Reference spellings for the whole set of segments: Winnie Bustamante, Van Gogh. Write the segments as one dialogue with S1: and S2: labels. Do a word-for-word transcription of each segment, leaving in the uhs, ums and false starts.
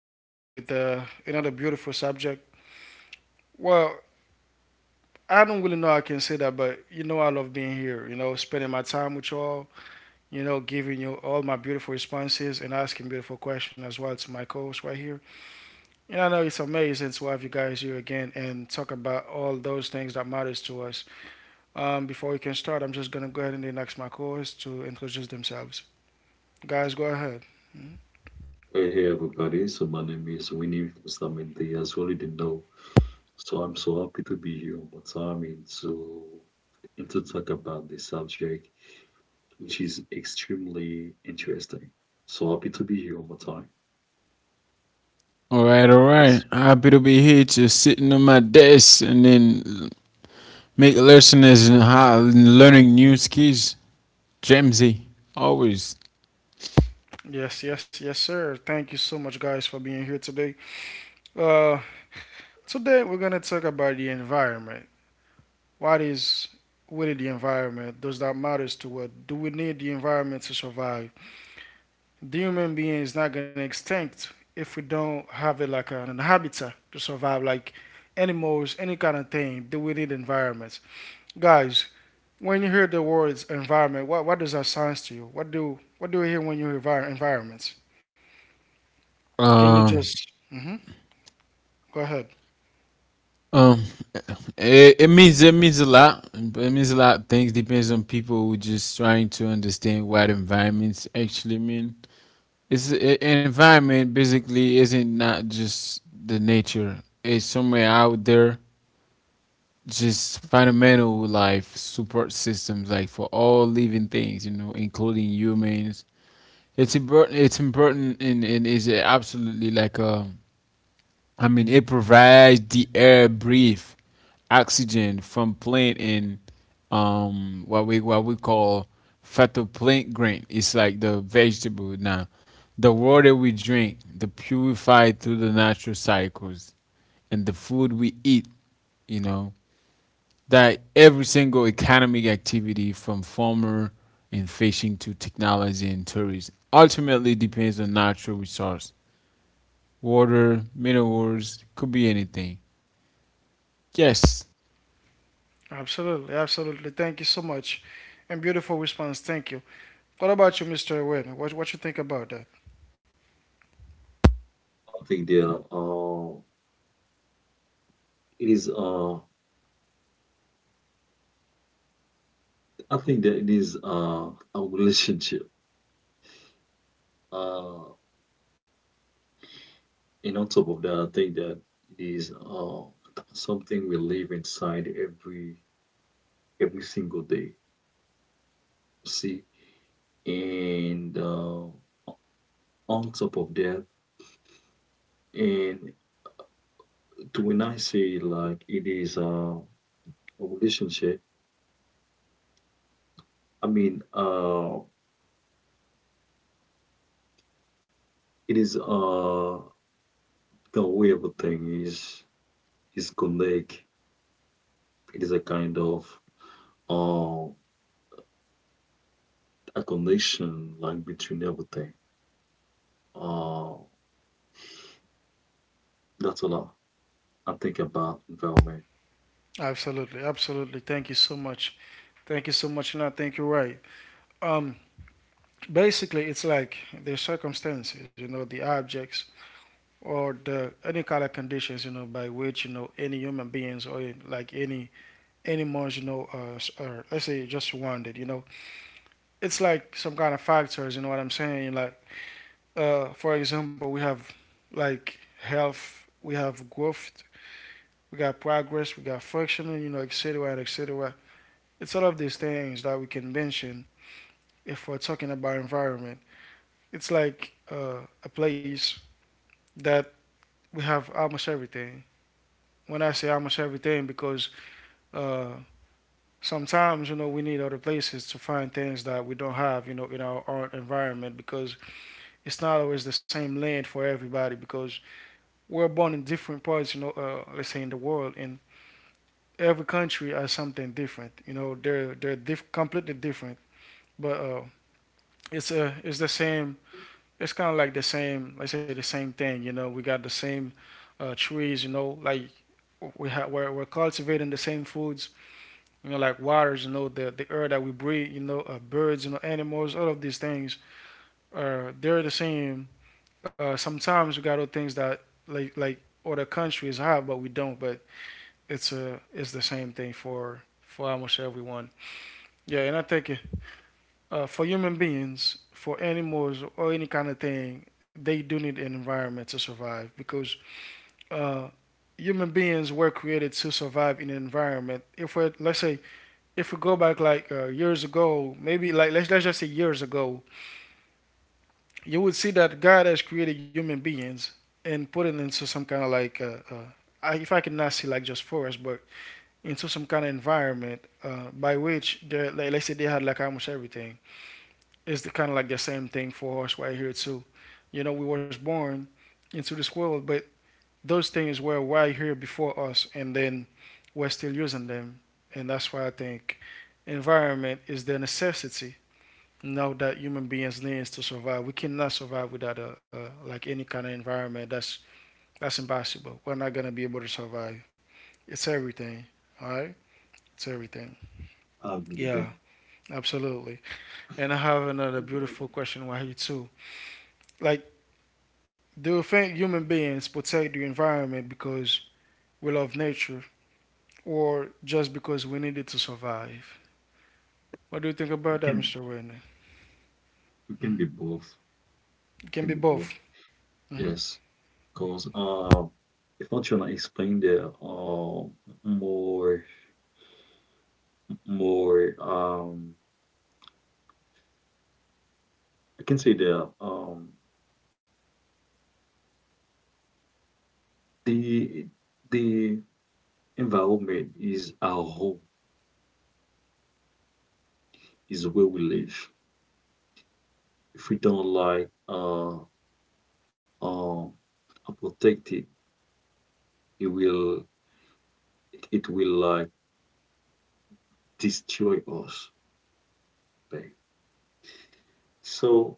S1: here again with uh, another beautiful subject. Well, I don't really know how I can say that, but you know, I love being here, you know, spending my time with you all, you know, giving you all my beautiful responses and asking beautiful questions as well to my co host right here. And I know it's amazing to have you guys here again and talk about all those things that matters to us. Um, before we can start, I'm just going to go ahead and then ask my co host to introduce themselves. Guys, go ahead. Hmm?
S2: Hey, hey everybody, so my name is Winnie Bustamante, as you already know. So I'm so happy to be here on more time and to, and to talk about this subject, which is extremely interesting. So happy to be here on more time.
S3: All right, all right.
S2: Yes,
S3: Happy to be here, just sitting on my desk and then make listeners and how learning new skills. Jamesy, always.
S1: Yes, yes, yes, sir. Thank you so much, guys, for being here today. Uh, Today we're gonna talk about the environment. What is really the environment? Does that matter to what? Do we need the environment to survive? The human being is not gonna extinct if we don't have it like an inhabitant to survive, like animals, any kind of thing. Do we need environments, guys? When you hear the words environment, what what does that sound to you? What do what do you hear when you hear envir- environments? Can you just
S3: Um,
S1: hmm go ahead?
S3: um, it, it means it means a lot. It means a lot of things depends on people who just trying to understand what environments actually mean. It's a, environment basically isn't not just the nature. It's somewhere out there just fundamental life support systems like for all living things, you know, including humans. It's important. It's important, and, and is absolutely like um I mean it provides the air breathe oxygen from plant and um what we what we call phytoplankton. It's like the vegetable. Now the water we drink the purified through the natural cycles, and the food we eat, you know, that every single economic activity from farmer and fishing to technology and tourism ultimately depends on natural resource, water, minerals, could be anything. Yes.
S1: Absolutely, absolutely. Thank you so much, and beautiful response. Thank you. What about you, mister Wynn? What what you think about that?
S2: I think there uh, it is uh I think that it is uh a relationship. Uh and on top of that I think that it is uh something we live inside every every single day. See. And uh, on top of that and to when I say like it is uh, a relationship, I mean uh it is uh the way everything is is connect it is a kind of uh a connection like between everything, uh that's all i, I think about environment.
S1: Absolutely, absolutely. Thank you so much. Thank you so much, and I think you're right. Um, Basically, it's like the circumstances, you know, the objects or the any kind of conditions, you know, by which you know any human beings or in- like any animals, you know, uh, s- or let's say just wanted, you know, it's like some kind of factors. You know what I'm saying? Like, uh, for example, we have like health, we have growth, we got progress, we got functioning, you know, et cetera, et cetera. It's all of these things that we can mention if we're talking about environment. It's like uh, a place that we have almost everything. When I say almost everything, because uh, sometimes you know we need other places to find things that we don't have, you know, in our own environment because it's not always the same land for everybody because we're born in different parts, you know, uh, let's say in the world, and every country has something different. You know, they're they're diff- completely different, but uh, it's a it's the same. It's kind of like the same. Let's say the same thing. You know, we got the same uh, trees. You know, like we have we're, we're cultivating the same foods. You know, like waters. You know, the the air that we breathe. You know, uh, birds. You know, animals. All of these things are they're the same. Uh, sometimes we got other things that like like other countries have, but we don't. But it's a it's the same thing for for almost everyone. Yeah, and I think uh, for human beings, for animals or any kind of thing, they do need an environment to survive because uh, human beings were created to survive in an environment. If we let's say if we go back like uh, years ago, maybe like let's let's just say years ago, you would see that God has created human beings and put it into some kind of like uh, uh, I, if I could not see like just forest, but into some kind of environment uh, by which they like let's say they had like almost everything. Is the kind of like the same thing for us right here too. You know, we was born into this world, but those things were right here before us, and then we're still using them, and that's why I think environment is the necessity now that human beings needs to survive. We cannot survive without a, a like any kind of environment. That's that's impossible. We're not gonna be able to survive. It's everything. All right, it's everything.
S2: I agree with that.
S1: Yeah, absolutely. And I have another beautiful question for here too. Like do you think human beings protect the environment because we love nature or just because we need it to survive? What do you think about
S2: It
S1: that,
S2: can,
S1: mister Werner?
S2: it can be both.
S1: It
S2: It
S1: can
S2: can
S1: be
S2: be both.
S1: both. Hmm.
S2: Yes. Because uh, if not, you wanna explain the uh, more more um, I can say the um, the the environment is our home, is where we live. If we don't like uh, uh, uh, protect it, it will, it, it will like destroy us. Babe. So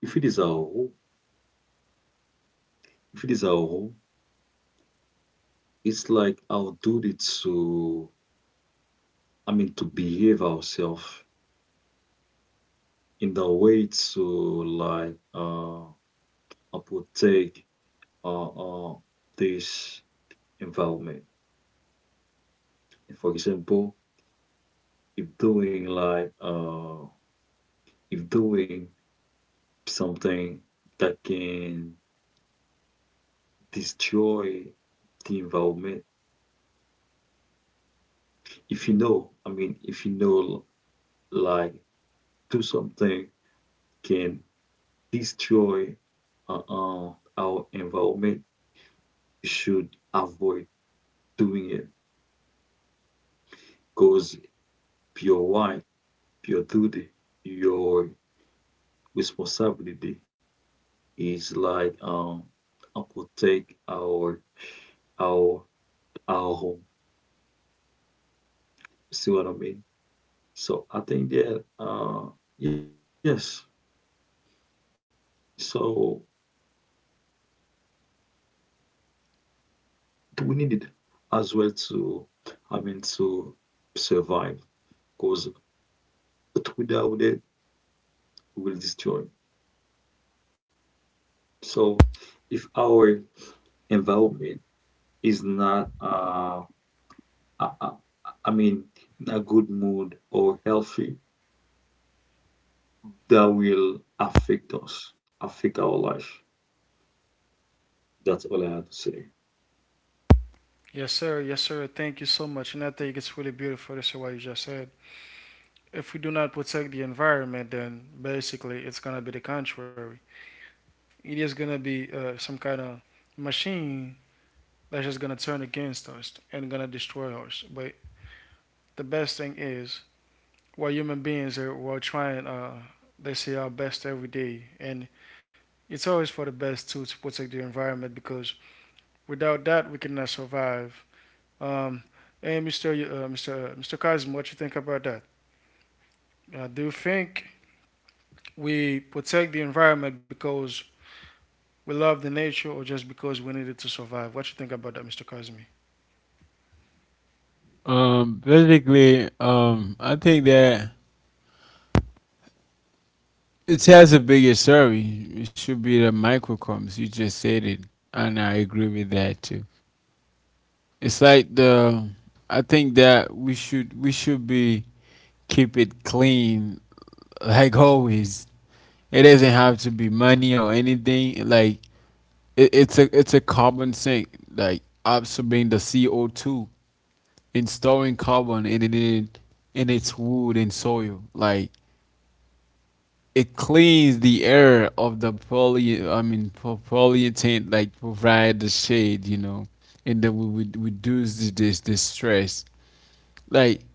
S2: if it is our home, if it is our home, it's like our duty to, I mean, to behave ourselves in the way to like uh uptake uh, uh this environment. For example, if doing like uh if doing something that can destroy the environment, if you know, I mean, if you know like do something can destroy uh, uh our environment, you should avoid doing it because you're right. Your duty, your responsibility is like um I protect our our our home. See what I mean? So I think that uh yes. So we need it as well to, I mean, to survive because without it we will destroy. So if our environment is not uh I, I, I mean in a good mood or healthy, that will affect us, affect our life. That's all I have to say.
S1: Yes, sir. Yes, sir. Thank you so much. And I think it's really beautiful to say what you just said. If we do not protect the environment, then basically it's going to be the contrary. It is going to be uh, some kind of machine that's just going to turn against us and going to destroy us. But the best thing is we human beings. Are we trying. Uh, they say our best every day, and it's always for the best too to protect the environment because without that we cannot survive. Um, and Mr. Uh, Mr. mister Kazim, what you think about that? Uh, do you think we protect the environment because we love the nature, or just because we need it to survive? What you think about that, mister Kazmi?
S3: um Basically, um I think that it has a bigger story. It should be the microcosms, you just said it, and I agree with that too. It's like the... I think that we should we should be keep it clean like always. It doesn't have to be money or anything. Like it, it's a it's a carbon sink, like absorbing the CO two and storing carbon in it, in, in its wood and soil. Like it cleans the air of the poly I mean po- polyethylene, like provide the shade, you know, and then we would reduce this this stress. Like,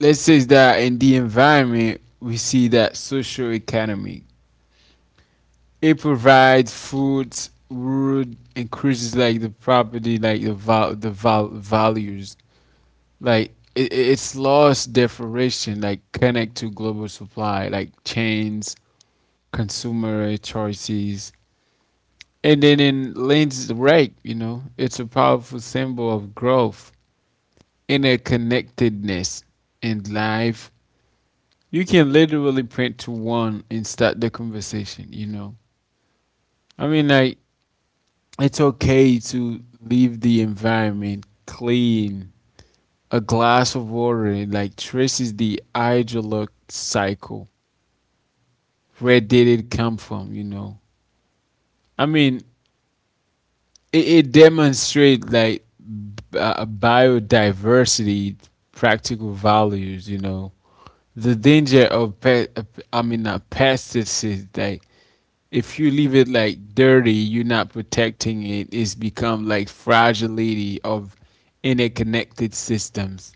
S3: let's say that in the environment, we see that social economy. It provides food, wood, increases like the property, like the val- the val- values. Like it, it's lost deflation, like connect to global supply, like chains, consumer choices. And then in Lane's right, you know, it's a powerful symbol of growth, interconnectedness in life. You can literally print to one and start the conversation, you know. I mean, like, it's okay to leave the environment clean. A glass of water, like, traces the hydrologic cycle. Where did it come from, you know? I mean, it, it demonstrates, like, b- uh, biodiversity, practical values, you know. The danger of pe- uh, I mean, uh, pesticides, like, if you leave it like dirty, you're not protecting it. It's become like fragility of interconnected systems.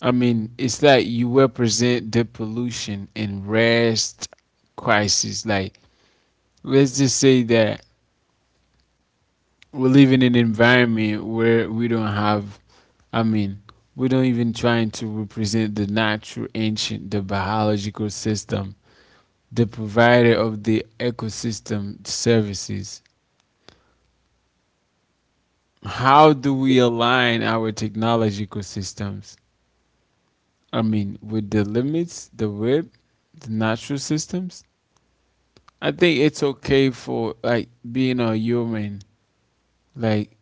S3: I mean, it's like you represent the pollution and rest crisis. Like, let's just say that we're living in an environment where we don't have, I mean, we don't even trying to represent the natural ancient, the biological system, the provider of the ecosystem services. How do we align our technology ecosystems? I mean, with the limits, the web, the natural systems. I think it's okay for like being a human, like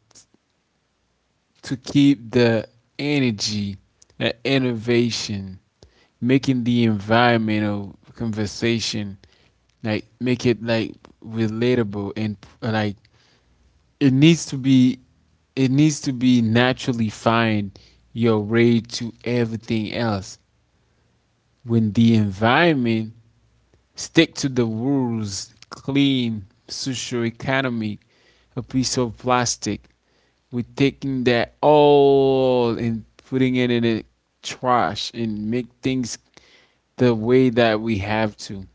S3: to keep the energy, the innovation, making the environmental conversation, like make it like relatable and like it needs to be it needs to be naturally find your way to everything else when the environment stick to the rules clean social economy. A piece of plastic, we're taking that all and putting it in a trash and make things the way that we have to.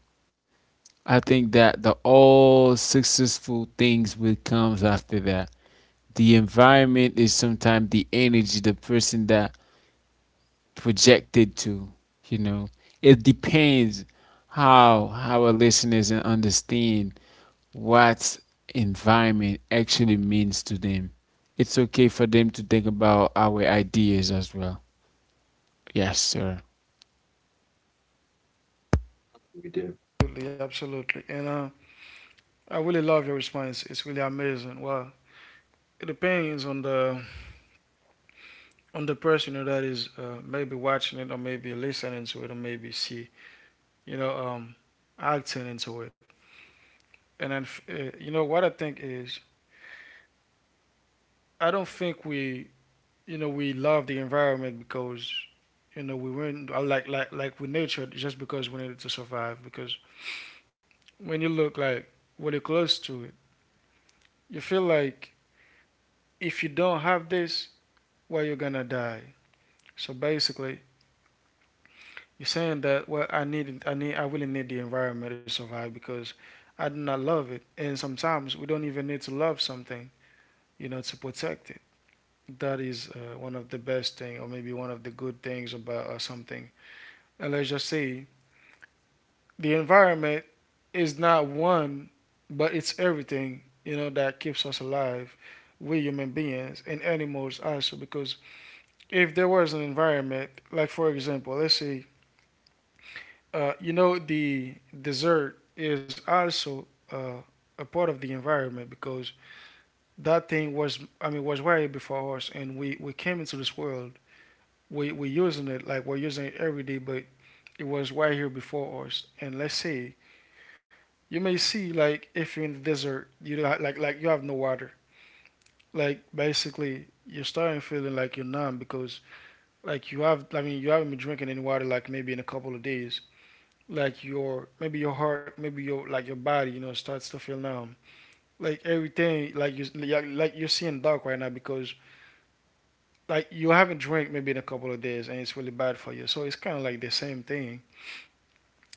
S3: I think that the all successful things will comes after that. The environment is sometimes the energy, the person that projected to, you know. It depends how how our listeners and understand what environment actually means to them. It's okay for them to think about our ideas as well. Yes, sir.
S2: We do.
S1: Absolutely, absolutely. And uh, I really love your response. It's really amazing. Well, it depends on the on the person you know, that is uh, maybe watching it or maybe listening to it or maybe see you know um, acting into it. And then, uh, you know what I think is I don't think we you know we love the environment because you know we weren't uh, like like like we nurtured just because we needed to survive. Because when you look like when you're close to it, you feel like if you don't have this, well you're gonna die. So basically, you're saying that well, I need, I need, I really need the environment to survive because I do not love it, and sometimes we don't even need to love something, you know, to protect it. That is uh, one of the best thing, or maybe one of the good things about uh, something. And let's just say the environment is not one, but it's everything, you know, that keeps us alive. We human beings and animals also, because if there was an environment, like for example, let's say Uh, you know, the dessert is also uh, a part of the environment because that thing was, I mean, was way before us, and we we came into this world. We we using it like we're using it every day, but it was right here before us. And let's say you may see like if you're in the desert, you don't ha- like like you have no water. Like basically, you're starting feeling like you're numb because like you have, I mean, you haven't been drinking any water like maybe in a couple of days. Like your maybe your heart, maybe your like your body, you know, starts to feel numb. Like everything, like you like like you're seeing dark right now because like you haven't drank maybe in a couple of days and it's really bad for you. So it's kind of like the same thing.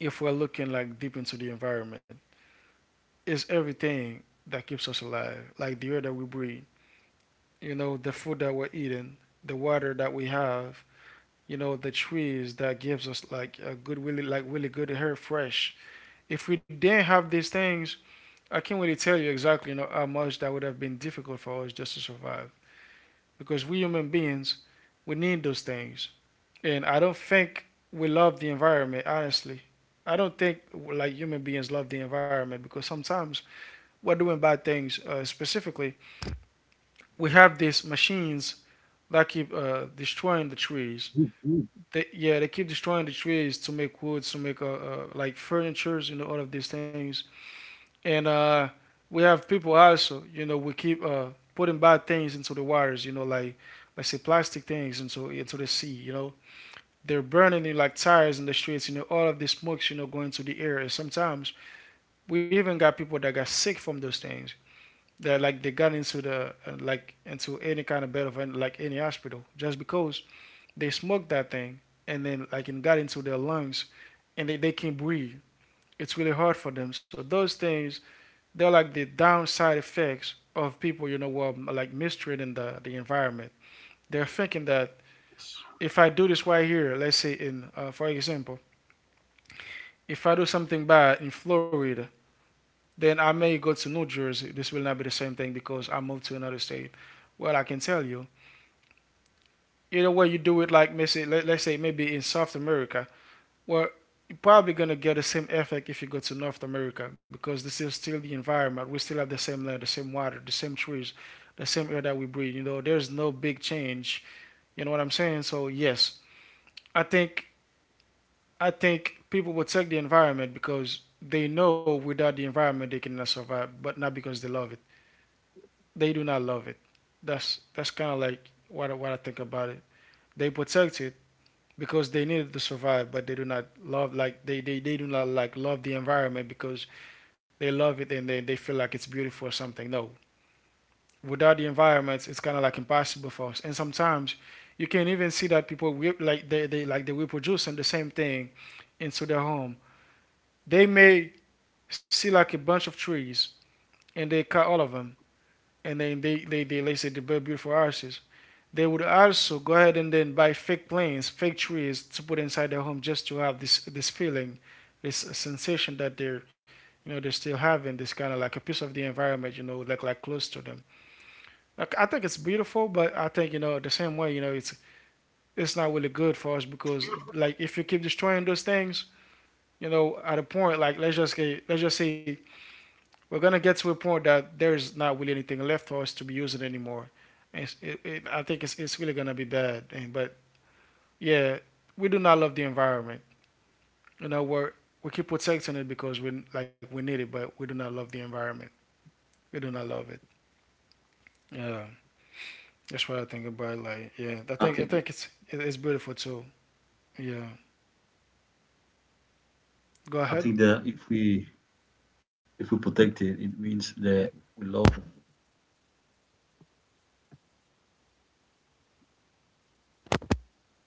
S1: If we're looking like deep into the environment, it's everything that keeps us alive, like the air that we breathe, you know, the food that we're eating, the water that we have, you know, the trees that gives us like a good, really like really good air, fresh. If we didn't have these things, I can't really tell you exactly you know, how much that would have been difficult for us just to survive. Because we human beings, we need those things. And I don't think we love the environment, honestly. I don't think like human beings love the environment because sometimes we're doing bad things. Uh, specifically, we have these machines that keep uh, destroying the trees.
S2: Mm, mm.
S1: They, yeah, they keep destroying the trees to make woods, to make uh, uh, like furnitures, you know, all of these things and uh, we have people also. You know, we keep uh, putting bad things into the waters. You know, like let's say plastic things into into the sea. You know, they're burning it like tires in the streets. You know, all of the smokes. You know, going to the air. And sometimes we even got people that got sick from those things. That like they got into the uh, like into any kind of bed of like any hospital just because they smoked that thing and then like it got into their lungs and they, they can't breathe. It's really hard for them. So those things they're like the downside effects of people, you know, who like mistreating the, the environment. They're thinking that
S2: Yes.
S1: if I do this right here, let's say in, uh, for example, if I do something bad in Florida, then I may go to New Jersey. This will not be the same thing because I moved to another state. Well, I can tell you, either way you do it, like let's say, let's say maybe in South America. Well, you're probably gonna get the same effect if you go to North America because this is still the environment. We still have the same land, the same water, the same trees, the same air that we breathe. You know, there's no big change. You know what I'm saying? So yes, I think I think people will take the environment because they know without the environment they cannot survive, but not because they love it. They do not love it. That's that's kind of like what I, what I think about it. They protect it because they need it to survive, but they do not love like they, they, they do not like love the environment because they love it and they, they feel like it's beautiful or something. No, without the environment, it's kind of like impossible for us. And sometimes you can even see that people will, like they, they like they will produce the same thing into their home. They may see like a bunch of trees and they cut all of them, and then they they they, they say they build beautiful houses. They would also go ahead and then buy fake plants, fake trees to put inside their home just to have this this feeling, this sensation that they're, you know, they're still having this kind of like a piece of the environment, you know, like like close to them. Like, I think it's beautiful, but I think you know the same way, you know, it's it's not really good for us because like if you keep destroying those things, you know, at a point like let's just say let's just say we're gonna get to a point that there is not really anything left for us to be using anymore. It's, it, it, I think it's, it's really gonna be bad, and but yeah, we do not love the environment. You know, we're we keep protecting it because we like we need it, but we do not love the environment. We do not love it. Yeah, that's what I think about. Like, yeah, I
S2: I
S1: think I
S2: think
S1: think it's it- it's beautiful too. Yeah, go
S2: I
S1: ahead.
S2: think that if we, if we protect it, it means that we love it.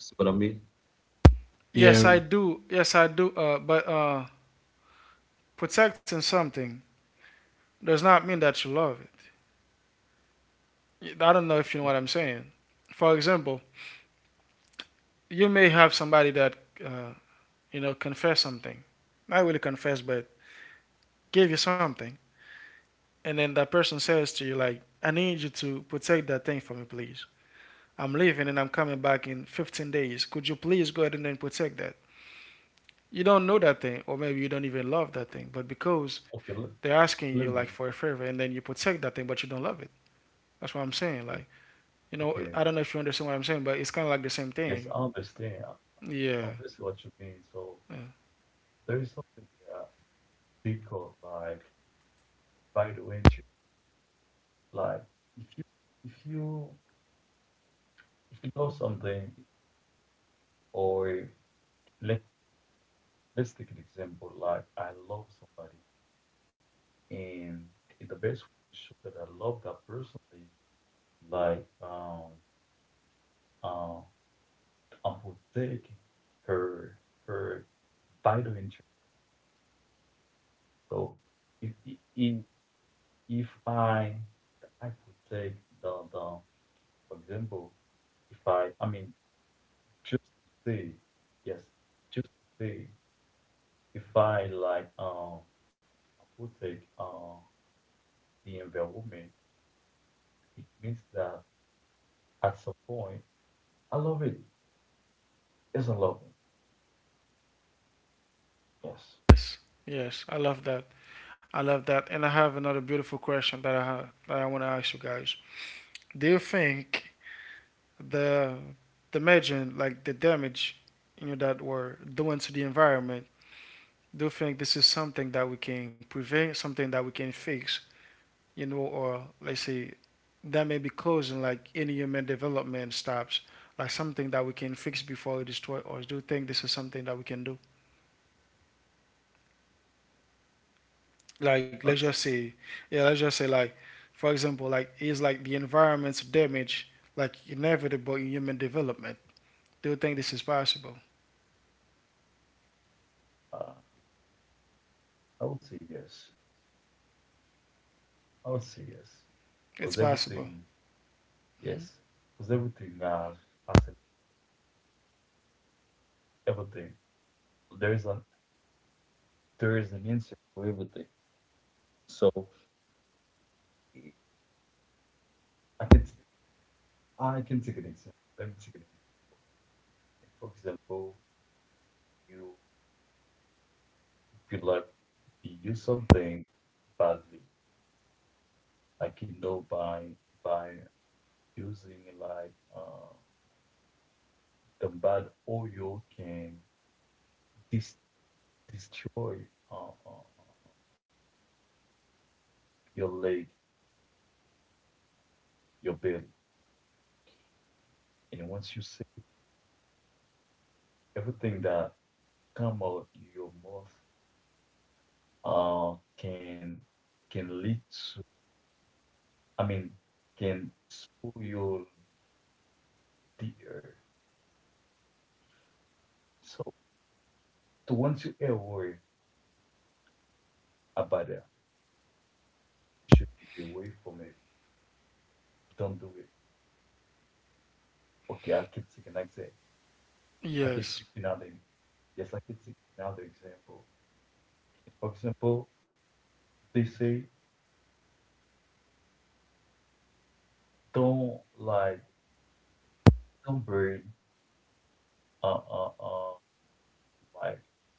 S2: See what I mean?
S1: Yes, I
S3: Yeah,
S1: do. Yes, I do. Uh, but uh, protecting something does not mean that you love it. I don't know if you know what I'm
S2: Well,
S1: saying. For example, you may have somebody that uh, you know confess something, not really confess, but give you something, and then that person says to you like, "I need you to protect that thing for me, please. I'm leaving and I'm coming back in fifteen days. Could you please go ahead and then protect that?" You don't know that thing, or maybe you don't even love that thing, but because
S2: okay, let,
S1: they're asking you like
S2: let me.
S1: for a favor, and then you protect that thing, but you don't love it. That's what I'm saying. Like,
S2: Okay,
S1: you know, I don't know
S2: okay.
S1: if you understand what I'm saying, but it's kind of like the same thing.
S2: Yes, I understand.
S1: Yeah.
S2: I understand what you mean.
S1: Yeah.
S2: So there is something that they call like vital interest. Like if you if you if you know something, or let, let's take an example: like I love somebody, and the best way to show that I love that person is like um uh, I'm protecting her her vital interest. So if if if I I protect the the for example, if I, I mean, just to say yes, just to say if I like um I protect uh the environment, it means that at some point I love it. Yes, I love it. Yes.
S1: Yes. Yes, I love that. I love that. And I have another beautiful question that I have, that I want to ask you guys. Do you think the the imagine like the damage, you know, that we're doing to the environment, do you think this is something that we can prevent, something that we can fix, you know, or let's say that may be causing like any human development stops, like something that we can fix before it destroy, or do you think this is something that we can do, like let's just say,
S2: That's,
S1: yeah, let's just say, like for example, like is like the environment's damage like inevitable in human development, do you think this is possible?
S2: uh, I would say yes. I would say yes.
S1: It's
S2: Because
S1: possible?
S2: everything, yes. Because everything has, has an, everything. There is an there is an answer for everything. So I can I can take an example. Let me take an example. For example, you could like you use something badly, like you know, by by using like uh the bad oil can des- destroy uh, uh, uh, your leg, your belly. And once you see everything that come out your mouth uh, can can lead to, I mean, can spoil your, the air. So, so once you ever worry about that, you should keep away from it. Don't do it. Okay, I keep taking like that. I
S1: Yes
S2: can take another. Yes, I can take another example. For example, they say don't like don't burn uh, uh, uh, like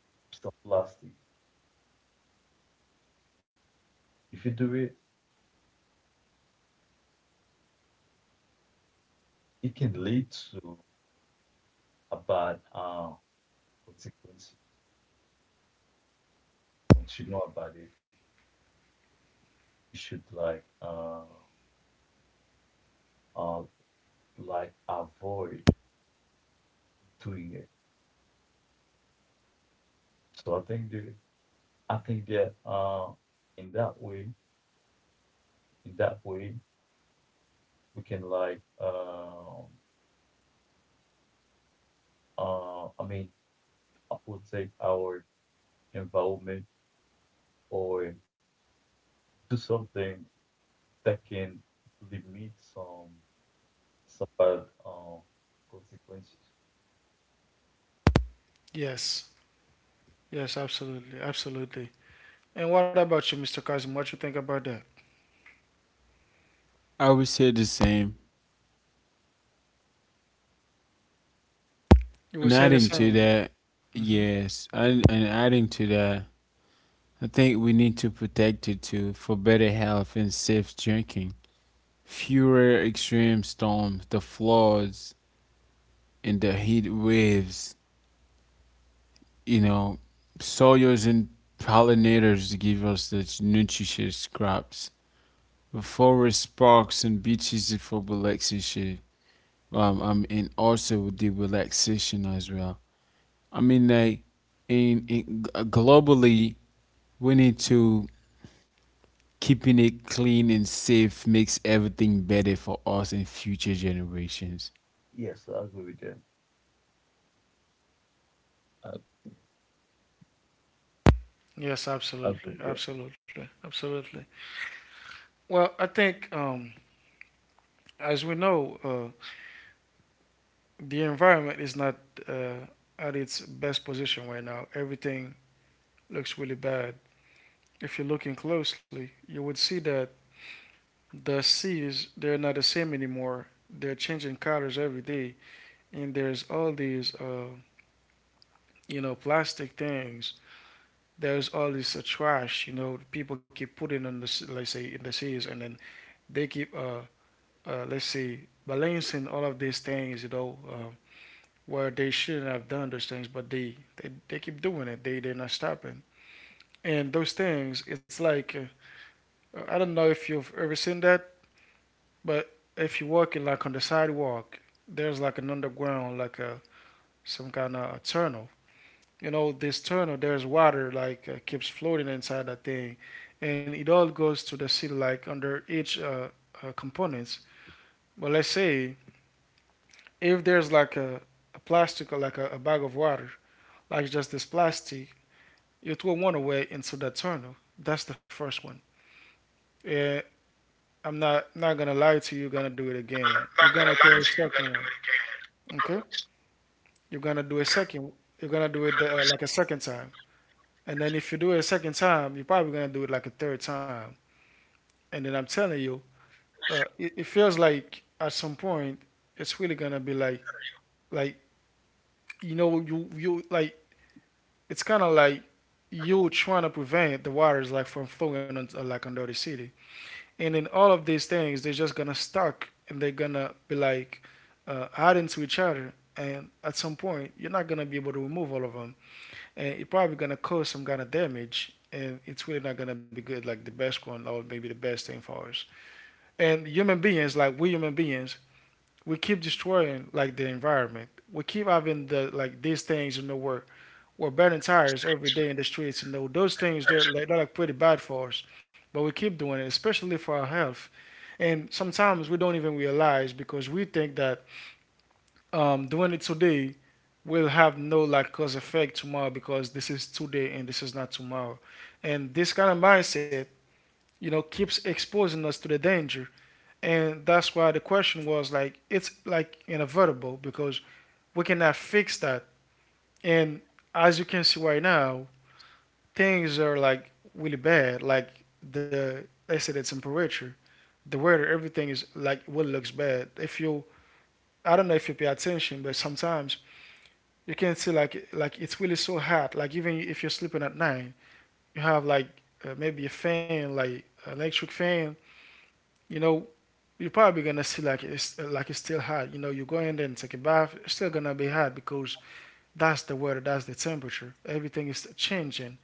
S2: some plastic. If you do it, it can lead to a bad uh, consequence. Once you know about it, you should like uh, uh, like avoid doing it. So I think the I think that uh, in that way, in that way, we can like um uh, I mean, uh, protect our environment or do something that can limit some some bad uh, consequences.
S1: Yes. Yes, absolutely. Absolutely. And what about you, mister Kazim? What you think about that?
S3: I would say the same.
S1: You would
S3: And
S1: say the
S3: adding to
S1: same.
S3: that,
S1: Hmm.
S3: yes, and, and adding to that, I think we need to protect it too for better health and safe drinking, fewer extreme storms, the floods, and the heat waves. You know, soils and pollinators give us the nutritious crops. The forest parks and beaches for relaxation. Um, um, and also the relaxation as well. I mean, like, in, in globally, we need to keeping it clean and safe makes everything better for us and future generations.
S2: Yes, I agree with that. I agree.
S1: Yes,
S2: I agree with that.
S1: absolutely. Absolutely. Absolutely. Well, I think, um, as we know, uh, the environment is not uh, at its best position right now. Everything looks really bad. If you're looking closely, you would see that the seas, they're not the same anymore. They're changing colors every day. And there's all these, uh, you know, plastic things, there's all this uh, trash, you know, people keep putting on the let's say in the seas, and then they keep uh, uh let's say balancing all of these things, you know, uh, where they shouldn't have done those things, but they they, they keep doing it. They they're not stopping, and those things, it's like, uh, I don't know if you've ever seen that, but if you're walking like on the sidewalk, there's like an underground, like a some kind of a tunnel. You know this tunnel, there's water like, uh, keeps floating inside that thing, and it all goes to the city like under each uh, uh, components. But let's say if there's like a, a plastic, or like a, a bag of water, like just this plastic, it will run away into that tunnel. That's the first one. Yeah, I'm not not gonna lie to you, you're gonna do
S2: I'm
S1: it again, you're
S2: not
S1: gonna
S2: gonna
S1: throw
S2: lie
S1: a
S2: to you, you
S1: second
S2: gotta do
S1: one.
S2: it again.
S1: Okay, you're gonna do a
S2: Okay?
S1: second.
S2: You
S1: You're gonna do it,
S2: gotta
S1: uh,
S2: do
S1: like a second time. And then if you do it a second time, you're probably gonna do it like a third time. And then I'm telling you, uh, it, it feels like at some point it's really gonna be like like you know, you you like it's kind of like you trying to prevent the waters like from flowing on, uh, like under the city, and then all of these things, they're just gonna stuck, and they're gonna be like, uh, adding to each other, and at some point you're not gonna be able to remove all of them, and you're probably gonna cause some kind of damage, and it's really not gonna be good like the best one, or maybe the best thing for us. And human beings, like we human beings, we keep destroying like the environment. We keep having the like these things in the work. We're burning tires every day in the streets. You know those things, they're like they're like pretty bad for us. But we keep doing it, especially for our health. And sometimes we don't even realize because we think that, um, doing it today will have no like cause effect tomorrow because this is today and this is not tomorrow. And this kind of mindset, you know, keeps exposing us to the danger. And that's why the question was like it's like inevitable because we cannot fix that. And as you can see right now, things are like really bad. Like the they say the temperature, the weather, everything is like what really looks bad. If you, I don't know if you pay attention, but sometimes you can see like like it's really so hot. Like even if you're sleeping at night, you have like, uh, maybe a fan, like an electric fan. You know, you're probably gonna see like it's like it's still hot. You know, you go in there and take a bath, it's still gonna be hot because that's the weather, that's the temperature. Everything is changing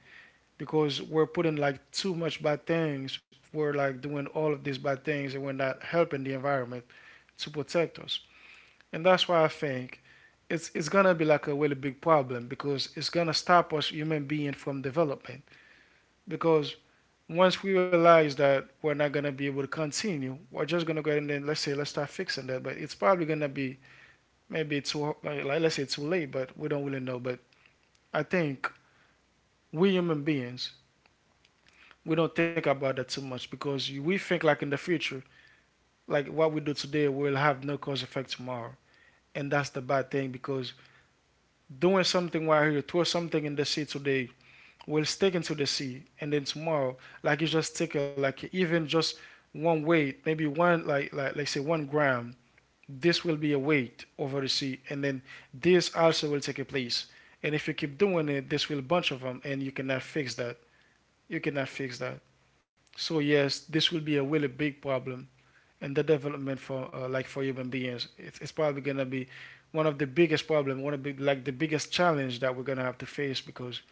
S1: because we're putting like too much bad things. We're like doing all of these bad things, and we're not helping the environment to protect us. And that's why I think it's it's gonna be like a really big problem because it's gonna stop us human being from development. Because once we realize that we're not gonna be able to continue, we're just gonna go ahead and then let's say let's start fixing that. But it's probably gonna be maybe too like let's say too late, but we don't really know. But I think we human beings, we don't think about that too much because we think like in the future, like what we do today will have no cause effect tomorrow. And that's the bad thing because doing something while you throw something in the sea today will stick into the sea, and then tomorrow like you just take it like even just one weight, maybe one like like let's say one gram, this will be a weight over the sea, and then this also will take a place, and if you keep doing it, this will bunch of them and you cannot fix that. You cannot fix that. So yes, this will be a really big problem in the development for, uh, like for human beings. It's, it's probably gonna be one of the biggest problem, one of the, like the biggest challenge that we're gonna have to face, because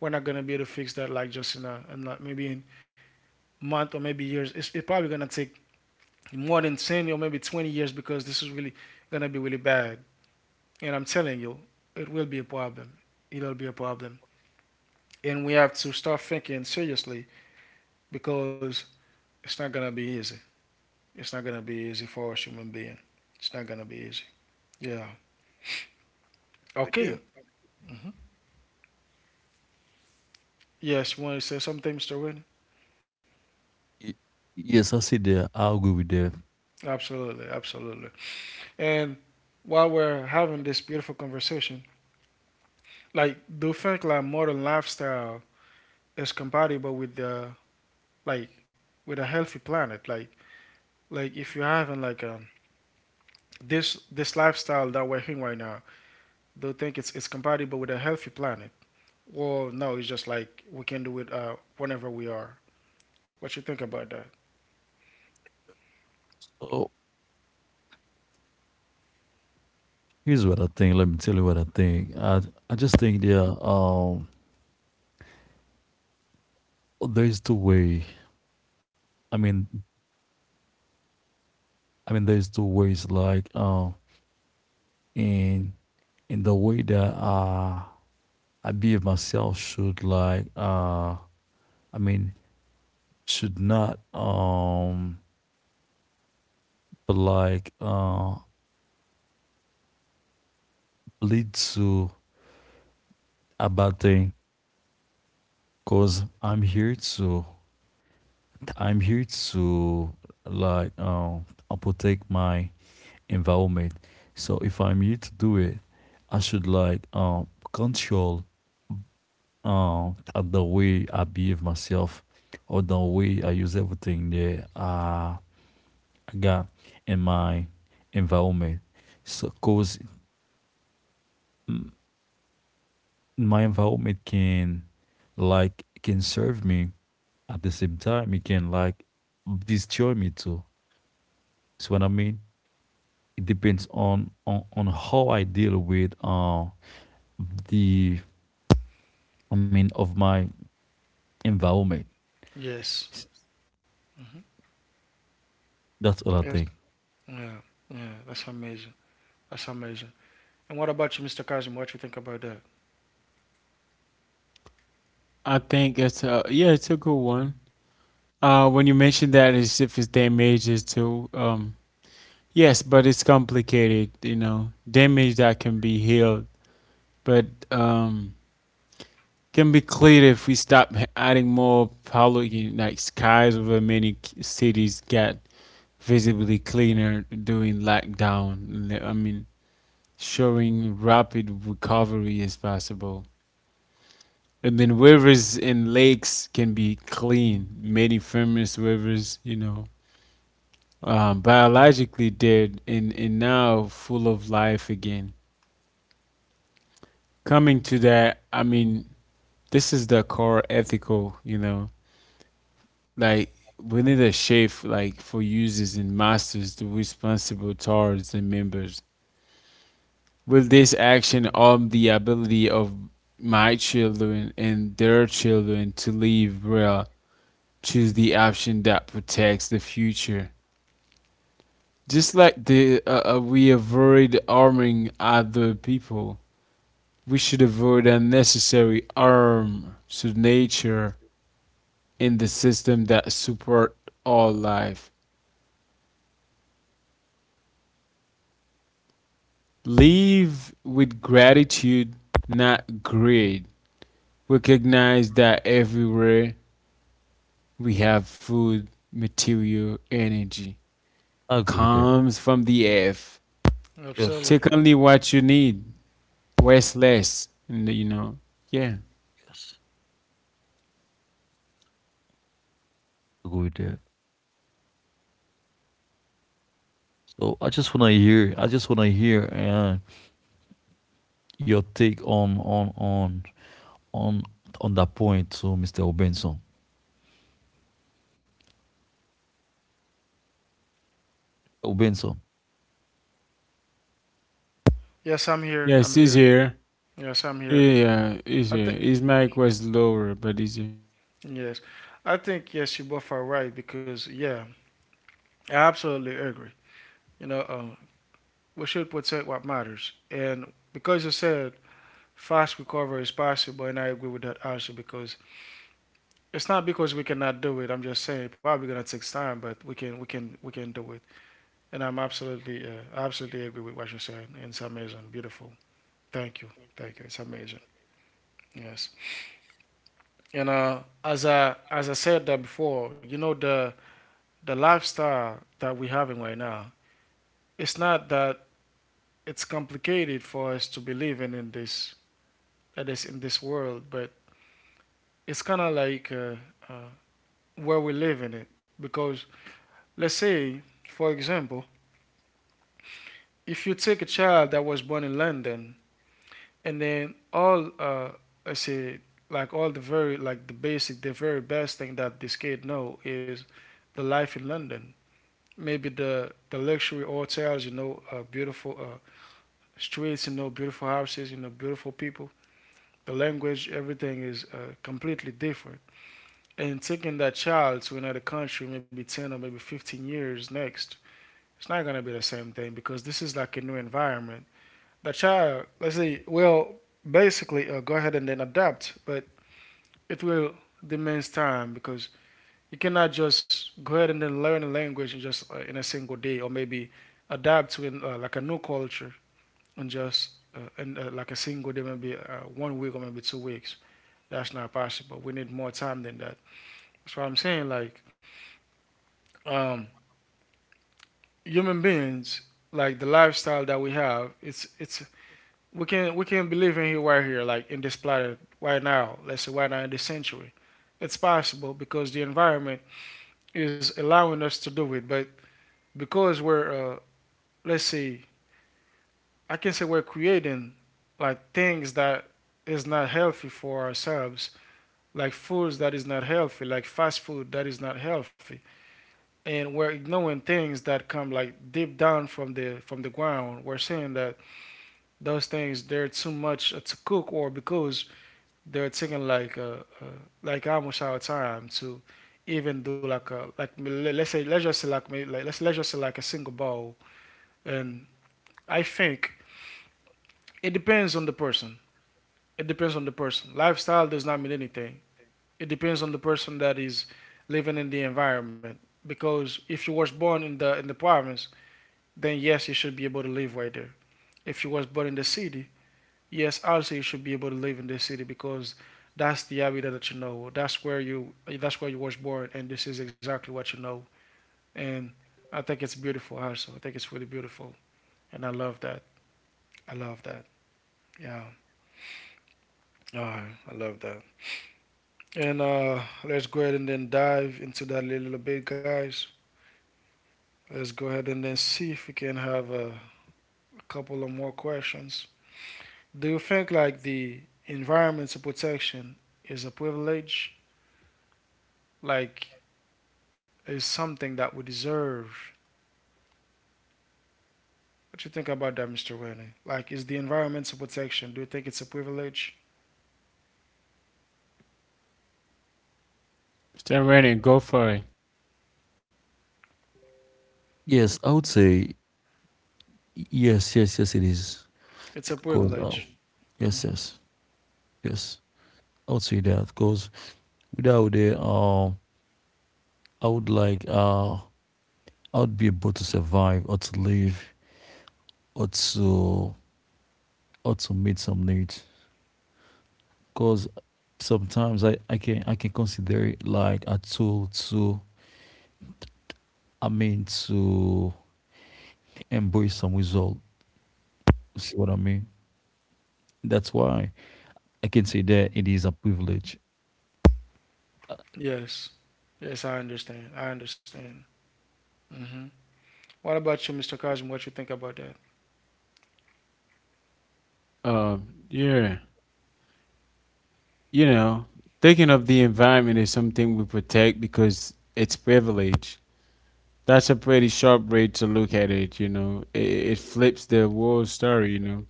S1: we're not gonna be able to fix that like just in a, in like maybe in month or maybe years. It's, it's probably gonna take more than ten or maybe twenty years because this is really gonna be really bad. And I'm telling you, it will be a problem. It'll be a problem, and we have to start thinking seriously because it's not gonna be easy. It's not gonna be easy for a human being. It's not gonna be easy. Yeah.
S2: it sometimes.
S1: Okay.
S2: With that.
S1: Yes, you want to say something, Mister Wynn?
S2: Y- Yes, I see that. I agree with that.
S1: Absolutely, absolutely. And while we're having this beautiful conversation, like, do you think like modern lifestyle is compatible with the like with a healthy planet? Like, like if you're having like um this this lifestyle that we're in right now, do you think it's it's compatible with a healthy planet? Well, no, it's just like we can do it uh, whenever we are. What you think about that?
S2: So here's what I think. Let me tell you what I think. I I just think there um there's two way. I mean, I mean there's two ways like um in in the way that uh I behave myself should like uh I mean should not um but like uh lead to a bad thing because i'm here to i'm here to like um protect my environment. So if I'm here to do it I should like um control um the way I behave myself or the way I use everything that uh, I got in my environment. So cause my environment can like can serve me, at the same time it can like destroy me too. See what I mean? It depends on on, on how I deal with uh the I mean of my environment.
S1: Yes.
S2: S- that's all I
S1: Yes.
S2: think.
S1: Yeah. Yeah. That's amazing. That's amazing. And what about you, Mister Kazim? What you think about that?
S3: I think it's a yeah, it's a good one. Uh, when you mentioned that, as if it's damages too. Um, yes, but it's complicated. You know, damage that can be healed, but um, can be cleared if we stop h- adding more pollution, like skies over many c- cities got visibly cleaner during lockdown. I mean, showing rapid recovery is possible. And then rivers and lakes can be clean. Many famous rivers, you know, um, biologically dead and, and now full of life again. Coming to that, I mean, this is the core ethical, you know, like we need a shift like for users and masters to responsible towards and members. With this action on the ability of my children and their children to live real, choose the option that protects the future. Just like the uh, uh, we avoid harming other people, we should avoid unnecessary harm to nature in the system that support all life. Live with gratitude, not greed. Recognize that everywhere we have food, material, energy
S2: I agree with that.
S3: comes from the earth.
S2: Yes,
S1: Absolutely.
S3: Take only what you need. Where's Les? And you know, yeah,
S2: yes, I agree with that. So i just want to hear I just want to hear uh, your take on on on on on that point to Mr. Obenson, Obenson.
S1: Yes, I'm here.
S3: yes,
S1: I'm
S3: it's
S1: here.
S3: here.
S1: Yes, I'm here.
S3: Yeah, he's
S1: I
S3: here.
S1: think
S3: His mic was lower, but he's here.
S1: yes, I think yes, you both are right because yeah, I absolutely agree. You know, um, we should protect what matters, and because you said fast recovery is possible, and I agree with that also because it's not because we cannot do it. I'm just saying probably gonna take time, but we can we can we can do. And I'm absolutely, uh, absolutely agree with what you said. It's amazing, beautiful. Thank you, thank you. It's amazing. Yes. And uh, as I as I said that before, you know the the lifestyle that we're having right now. It's not that it's complicated for us to be living in this that is in this world, but it's kind of like uh, uh, where we live in it. Because let's say, for example, if you take a child that was born in London and then all uh I say like all the very like the basic the very best thing that this kid know is the life in London. Maybe the the luxury hotels, you know, uh, beautiful uh, streets, you know, beautiful houses, you know, beautiful people. The language, everything is uh, completely different. And taking that child to another country, maybe ten or maybe fifteen years next, it's not gonna be the same thing because this is like a new environment. The child, let's say, will basically uh, go ahead and then adapt, but it will demands time because you cannot just go ahead and then learn a language in just uh, in a single day, or maybe adapt to an, uh, like a new culture in just uh, in, uh, like a single day, maybe uh, one week or maybe two weeks. That's not possible. We need more time than that. That's what I'm saying. Like um, human beings, like the lifestyle that we have, it's it's We can we can believe in here right here, like in this planet right now. Let's say right now in this century, it's possible because the environment is allowing us to do it. But because we're uh, let's see, I can say we're creating like things that is not healthy for ourselves, like foods that is not healthy, like fast food that is not healthy, and we're ignoring things that come like deep down from the from the ground. We're saying that those things they're too much to cook or because they're taking like uh, uh, like almost our time to even do like a like let's say let's just say like maybe like let's let's just say like a single ball. And I think it depends on the person. It depends on the person. Lifestyle does not mean anything. It depends on the person that is living in the environment. Because if you was born in the in the province, then yes, you should be able to live right there. If you was born in the city, yes, also you should be able to live in this city because that's the habitat that you know. That's where you that's where you was born and this is exactly what you know. And I think it's beautiful also. I think it's really beautiful. And I love that. I love that. Yeah. Alright, I love that. And uh let's go ahead and then dive into that a little bit, guys. Let's go ahead and then see if we can have a, a couple of more questions. Do you think like the environmental protection is a privilege? Like is something that we deserve. What do you think about that, Mister Winnie? Like, is the environmental protection? Do you think it's a privilege?
S3: Mister Rennie, go for it.
S2: Yes, I would say, yes, yes, yes, it is.
S1: It's a
S2: Because uh,
S1: privilege.
S2: yes,
S1: Hmm.
S2: yes, yes, I would say that. Because without it, uh, I would like uh, I would be able to survive or to live or to or to meet some needs. Because sometimes I I can I can consider it like a tool to, I mean, to embrace some result. You see what I mean? That's why I can say that it is a privilege. I
S1: Yes, yes, I understand. I understand. Hmm. What about you, Mister Kazim? What you think about that?
S3: Uh, yeah, you know, thinking of the environment is something we protect because it's privilege. That's a pretty sharp way to look at it, you know. It, it flips the whole story, you know.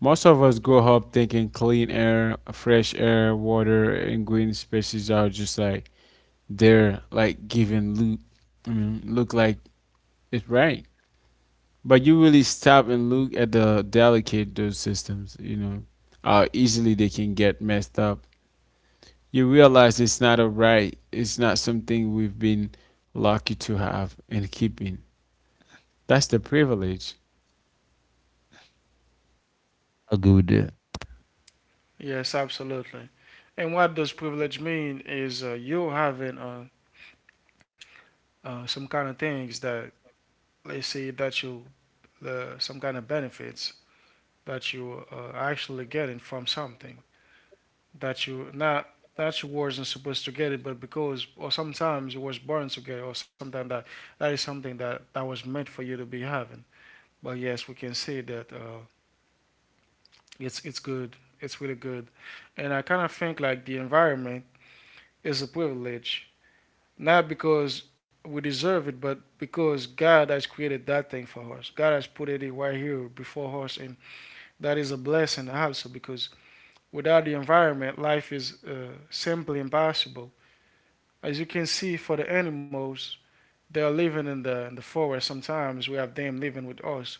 S3: Most of us grow up thinking clean air, fresh air, water, and green spaces are just like they're like giving Luke, I mean, look like it's right. But you really stop and look at the delicate those systems, you know, how easily they can get messed up. You realize it's not a right, it's not something we've been lucky to have and keeping. That's the privilege.
S2: I go with that.
S1: Yes, absolutely. And what does privilege mean is uh, you having uh, uh, some kind of things that, let's say, that you, uh, some kind of benefits that you uh, are actually getting from something. that you not that you wasn't supposed to get it, but because or sometimes you was born to get it, or something that that is something that that was meant for you to be having. But yes, we can say that uh, it's it's good. It's really good, and I kind of think like the environment is a privilege, not because we deserve it, but because God has created that thing for us. God has put it right here before us, and that is a blessing also because without the environment, life is uh, simply impossible. As you can see, for the animals, they are living in the in the forest. Sometimes we have them living with us.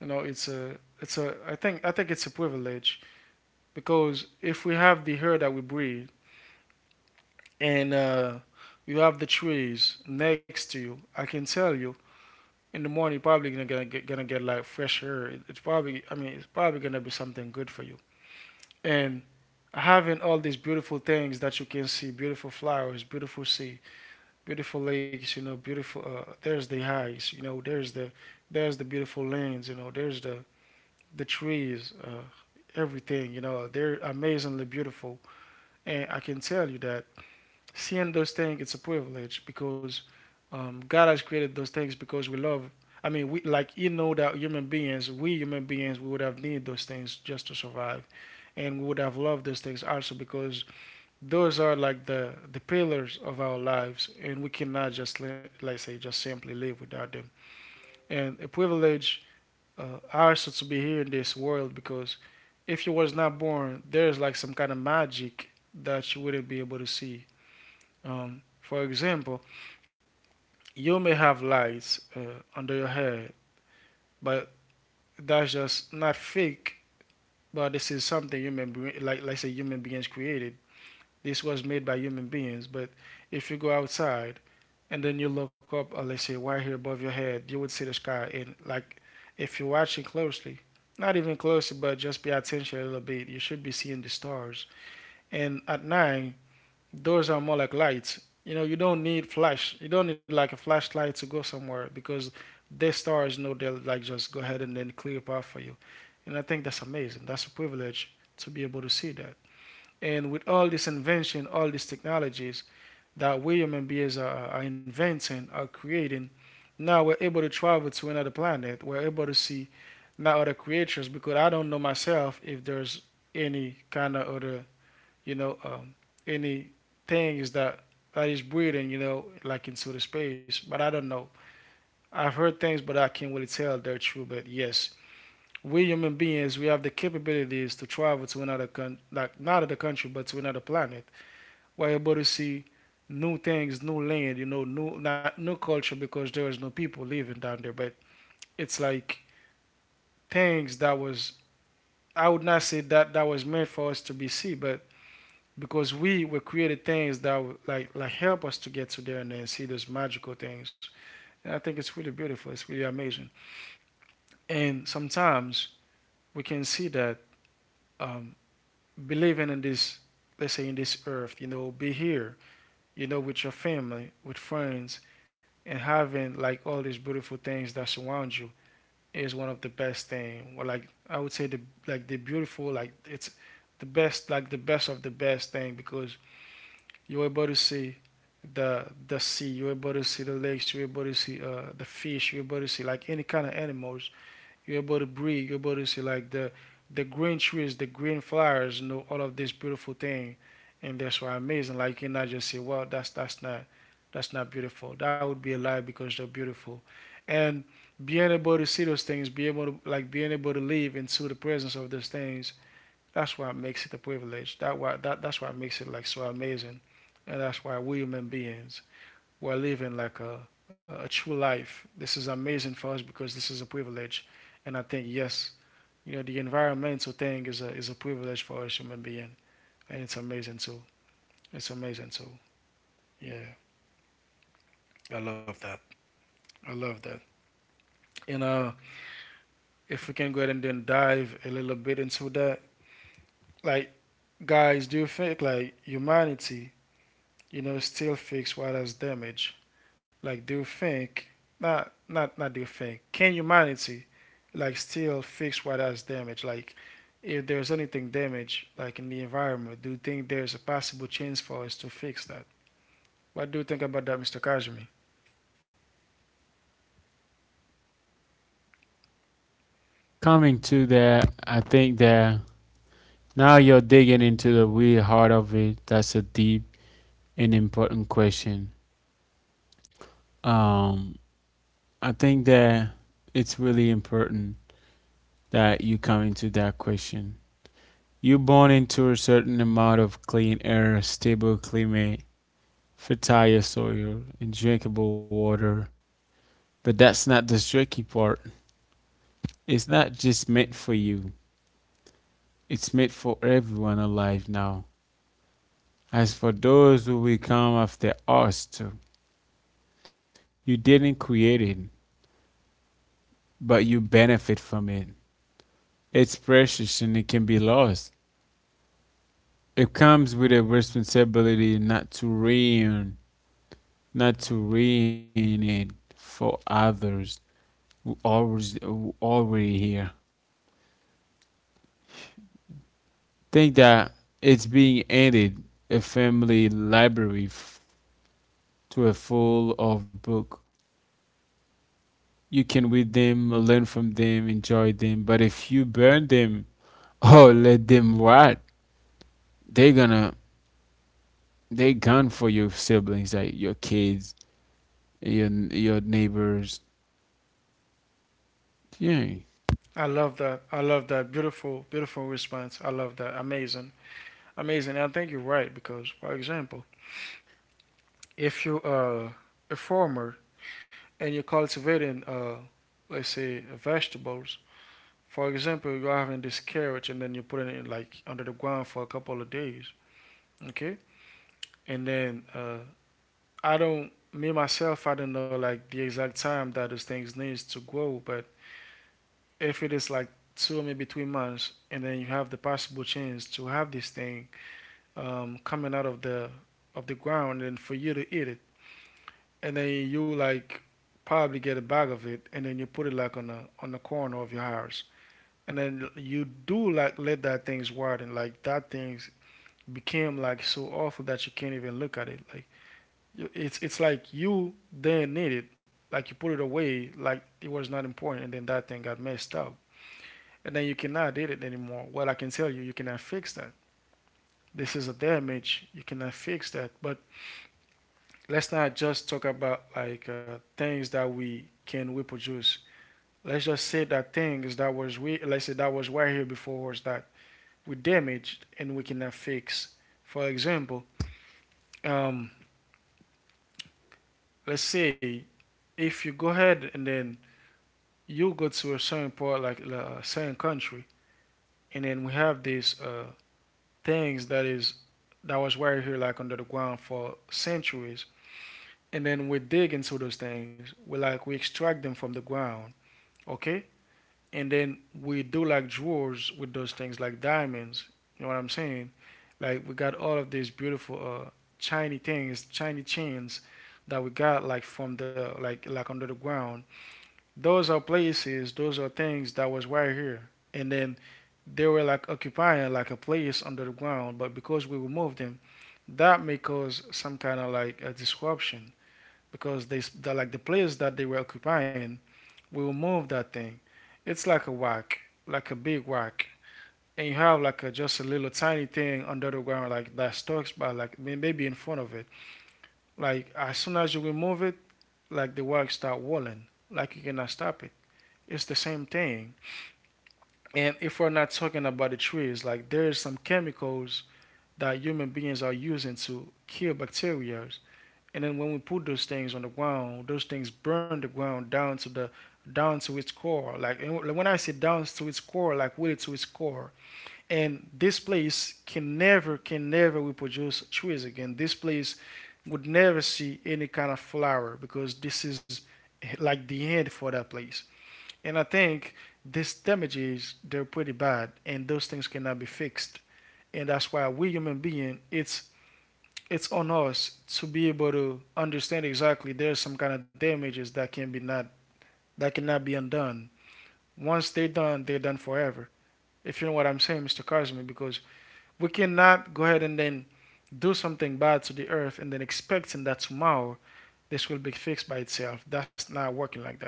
S1: You know, it's a it's a I think I think it's a privilege because if we have the air that we breathe and uh, you have the trees next to you, I can tell you in the morning you're probably gonna, gonna get gonna get like fresh air. It, it's probably I mean it's probably gonna be something good for you. And having all these beautiful things that you can see, beautiful flowers, beautiful sea, beautiful lakes, you know, beautiful. Uh, there's the eyes, you know. There's the there's the beautiful lands, you know. There's the the trees, uh, everything, you know. They're amazingly beautiful, and I can tell you that seeing those things, it's a privilege because um, God has created those things because we love. I mean, we like you know that human beings, we human beings, we would have needed those things just to survive, and we would have loved those things also because those are like the the pillars of our lives and we cannot just li- like say just simply live without them. And a privilege uh, also to be here in this world because if you was not born there's like some kind of magic that you wouldn't be able to see. Um, for example, you may have lights uh, under your hair, but that's just not fake, but this is something human brain like like say human beings created. This was made by human beings. But if you go outside and then you look up, or let's say right here above your head, you would see the sky. And like, if you're watching closely, not even closely, but just pay attention a little bit, you should be seeing the stars. And at night, those are more like lights. You know, you don't need flash. You don't need like a flashlight to go somewhere because the stars know they'll like just go ahead and then clear a path for you. And I think that's amazing. That's a privilege to be able to see that. And with all this invention, all these technologies that William and Beers are, are inventing, are creating, now we're able to travel to another planet. We're able to see not other creatures because I don't know myself if there's any kind of other, you know, um, any things that that is breathing, you know, like into the space. But I don't know. I've heard things, but I can't really tell they're true. But yes, we human beings, we have the capabilities to travel to another con- like not another country, but to another planet. Were able to see new things, new land, you know, new not new culture because there was no people living down there, but it's like things that was I would not say that that was meant for us to be see, but because we were created things that would like like help us to get to there and then see those magical things. And I think it's really beautiful. It's really amazing. And sometimes we can see that um, believing in this, let's say in this earth, you know, be here you know, with your family, with friends, and having like all these beautiful things that surround you is one of the best thing. Well, like I would say the like the beautiful like it's the best like the best of the best thing because you're able to see the the sea, you're able to see the lakes, you're able to see uh, the fish, you're able to see like any kind of animals, you're able to breathe. You're able to see like the the green trees, the green flowers, you know, all of this beautiful thing, and that's why amazing. Like you cannot just say, "Well, that's that's not that's not beautiful." That would be a lie because they're beautiful, and being able to see those things, be able to like being able to live into the presence of those things. That's what makes it a privilege. That why that that's what makes it like so amazing, and that's why we human beings we're living like a, a true life. This is amazing for us because this is a privilege. And I think, yes, you know, the environmental thing is a, is a privilege for us human being. And it's amazing too. It's amazing too. Yeah. I love that. I love that. And uh, if we can go ahead and then dive a little bit into that, like, guys, do you think like humanity, you know, still fix what has damaged? Like, do you think not not not do you think can humanity like still fix what has damage? Like, if there's anything damaged like in the environment, do you think there's a possible chance for us to fix that? What do you think about that, mister Kazumi?
S3: Coming to that, I think that now you're digging into the real heart of it. That's a deep and important question. Um, I think that it's really important that you come into that question. You're born into a certain amount of clean air, stable climate, fertile soil, and drinkable water. But that's not the tricky part. It's not just meant for you, it's meant for everyone alive now. As for those who will come after us, too, you didn't create it, but you benefit from it. It's precious and it can be lost. It comes with a responsibility not to ruin not to ruin it for others who always who already here. Think that it's being added a family library f- to a full of book. You can read them, learn from them, enjoy them. But if you burn them or let them rot, they're gonna they gone for your siblings, like your kids, your your neighbors. Yeah,
S1: I love that. I love that beautiful, beautiful response. I love that. Amazing, amazing. And I think you're right because, for example, if you are a farmer and you're cultivating, uh, let's say, vegetables. For example, you're having this carrot and then you put it in like under the ground for a couple of days, okay? And then uh, I don't, me myself, I don't know like the exact time that those things needs to grow, but if it is like two or maybe three months, and then you have the possible chance to have this thing um, coming out of the of the ground, and for you to eat it, and then you like probably get a bag of it, and then you put it like on the on the corner of your house, and then you do like let that things widen like that things became like so awful that you can't even look at it like it's it's like you didn't need it, like you put it away like it was not important, and then that thing got messed up and then you cannot did it anymore. Well, I can tell you you cannot fix that. This is a damage you cannot fix that. But let's not just talk about like uh, things that we can reproduce. Let's just say that things that was we let's say that was right here before, was that we damaged and we cannot fix. For example, um, let's say if you go ahead and then you go to a certain part, like like a certain country, and then we have these uh, things that is that was right here, like under the ground for centuries, and then we dig into those things. We like we extract them from the ground, okay, and then we do like drawers with those things like diamonds. You know what I'm saying? Like we got all of these beautiful uh shiny things, shiny chains that we got like from the like like under the ground. Those are places, those are things that was right here. And then they were like occupying like a place under the ground, but because we removed them, that may cause some kind of like a disruption because they the, like the place that they were occupying, we will move that thing. It's like a whack, like a big whack. And you have like a just a little tiny thing under the ground like that stalks by like maybe in front of it. Like as soon as you remove it, like the whack start walling. Like you cannot stop it. It's the same thing. And if we're not talking about the trees, like there is some chemicals that human beings are using to kill bacteria. And then when we put those things on the ground, those things burn the ground down to the down to its core. Like, and when I say down to its core, like really to its core. And this place can never, can never reproduce trees again. This place would never see any kind of flower because this is eh, like the end for that place. And I think these damages they're pretty bad, and those things cannot be fixed. And that's why we human being, it's it's on us to be able to understand exactly there's some kind of damages that can be not that cannot be undone. Once they're done, they're done forever. If you know what I'm saying, mister Cosme, because we cannot go ahead and then do something bad to the earth and then expecting that tomorrow this will be fixed by itself. That's not working like that.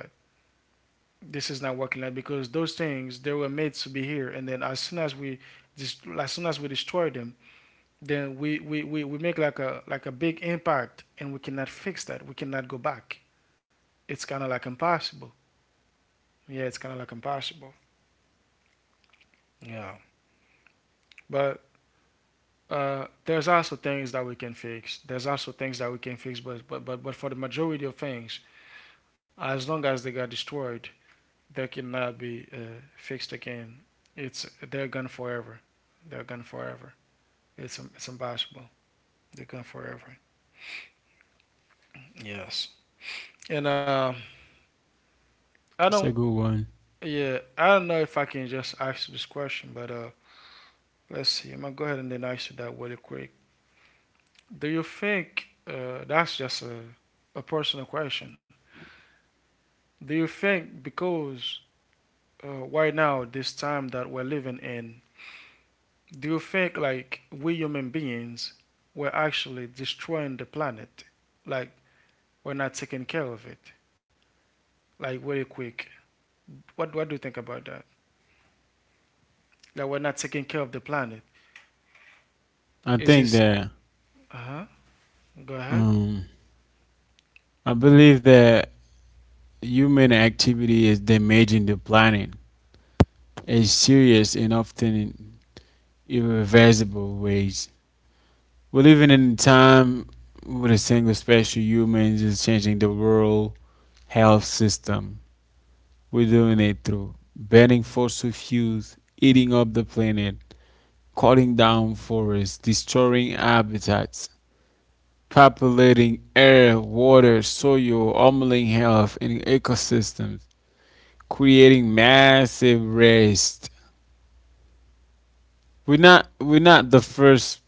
S1: This is not working like that, because those things they were made to be here, and then as soon as we just as soon as we destroy them, then we, we, we, we make like a like a big impact and we cannot fix that. We cannot go back. It's kind of like impossible. Yeah, it's kind of like impossible. Yeah. But uh, there's also things that we can fix. There's also things that we can fix. But but but, but for the majority of things, as long as they got destroyed, they cannot be uh, fixed again. It's they're gone forever. They're gone forever. It's it's impossible. They're gone forever. Yes. And uh, I don't.
S3: that's a good one.
S1: Yeah, I don't know if I can just ask you this question, but uh, let's see. I'm gonna go ahead and then ask you that really quick. Do you think uh, that's just a, a personal question? Do you think because uh, right now, this time that we're living in, do you think like we human beings we're actually destroying the planet? Like we're not taking care of it. Like really quick, what what do you think about that? That we're not taking care of the planet.
S3: I
S1: Is
S3: think
S1: this?
S3: that
S1: Uh huh. Go ahead.
S3: um I believe that human activity is damaging the planet in serious and often irreversible ways. We're living in a time where a single special humans is changing the world health system. We're doing it through burning fossil fuels, eating up the planet, cutting down forests, destroying habitats, populating air, water, soil, harming health and ecosystems, creating massive waste. We're not we're not the first,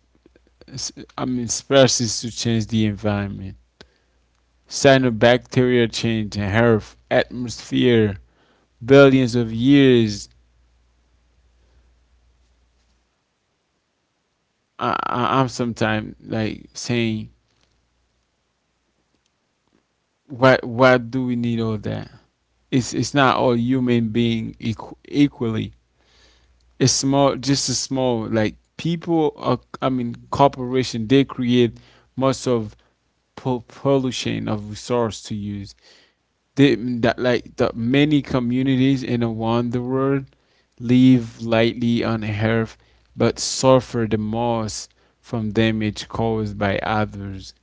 S3: I mean, species to change the environment. Cyanobacteria change the Earth atmosphere billions of years. I, I I'm sometimes like saying, why why do we need all that? It's it's not all human being equ- equally. It's small, just a small like people. Are, I mean, corporation they create most of po- pollution of resource to use the, that like the many communities in the wonder world live lightly on earth but suffer the most from damage caused by others.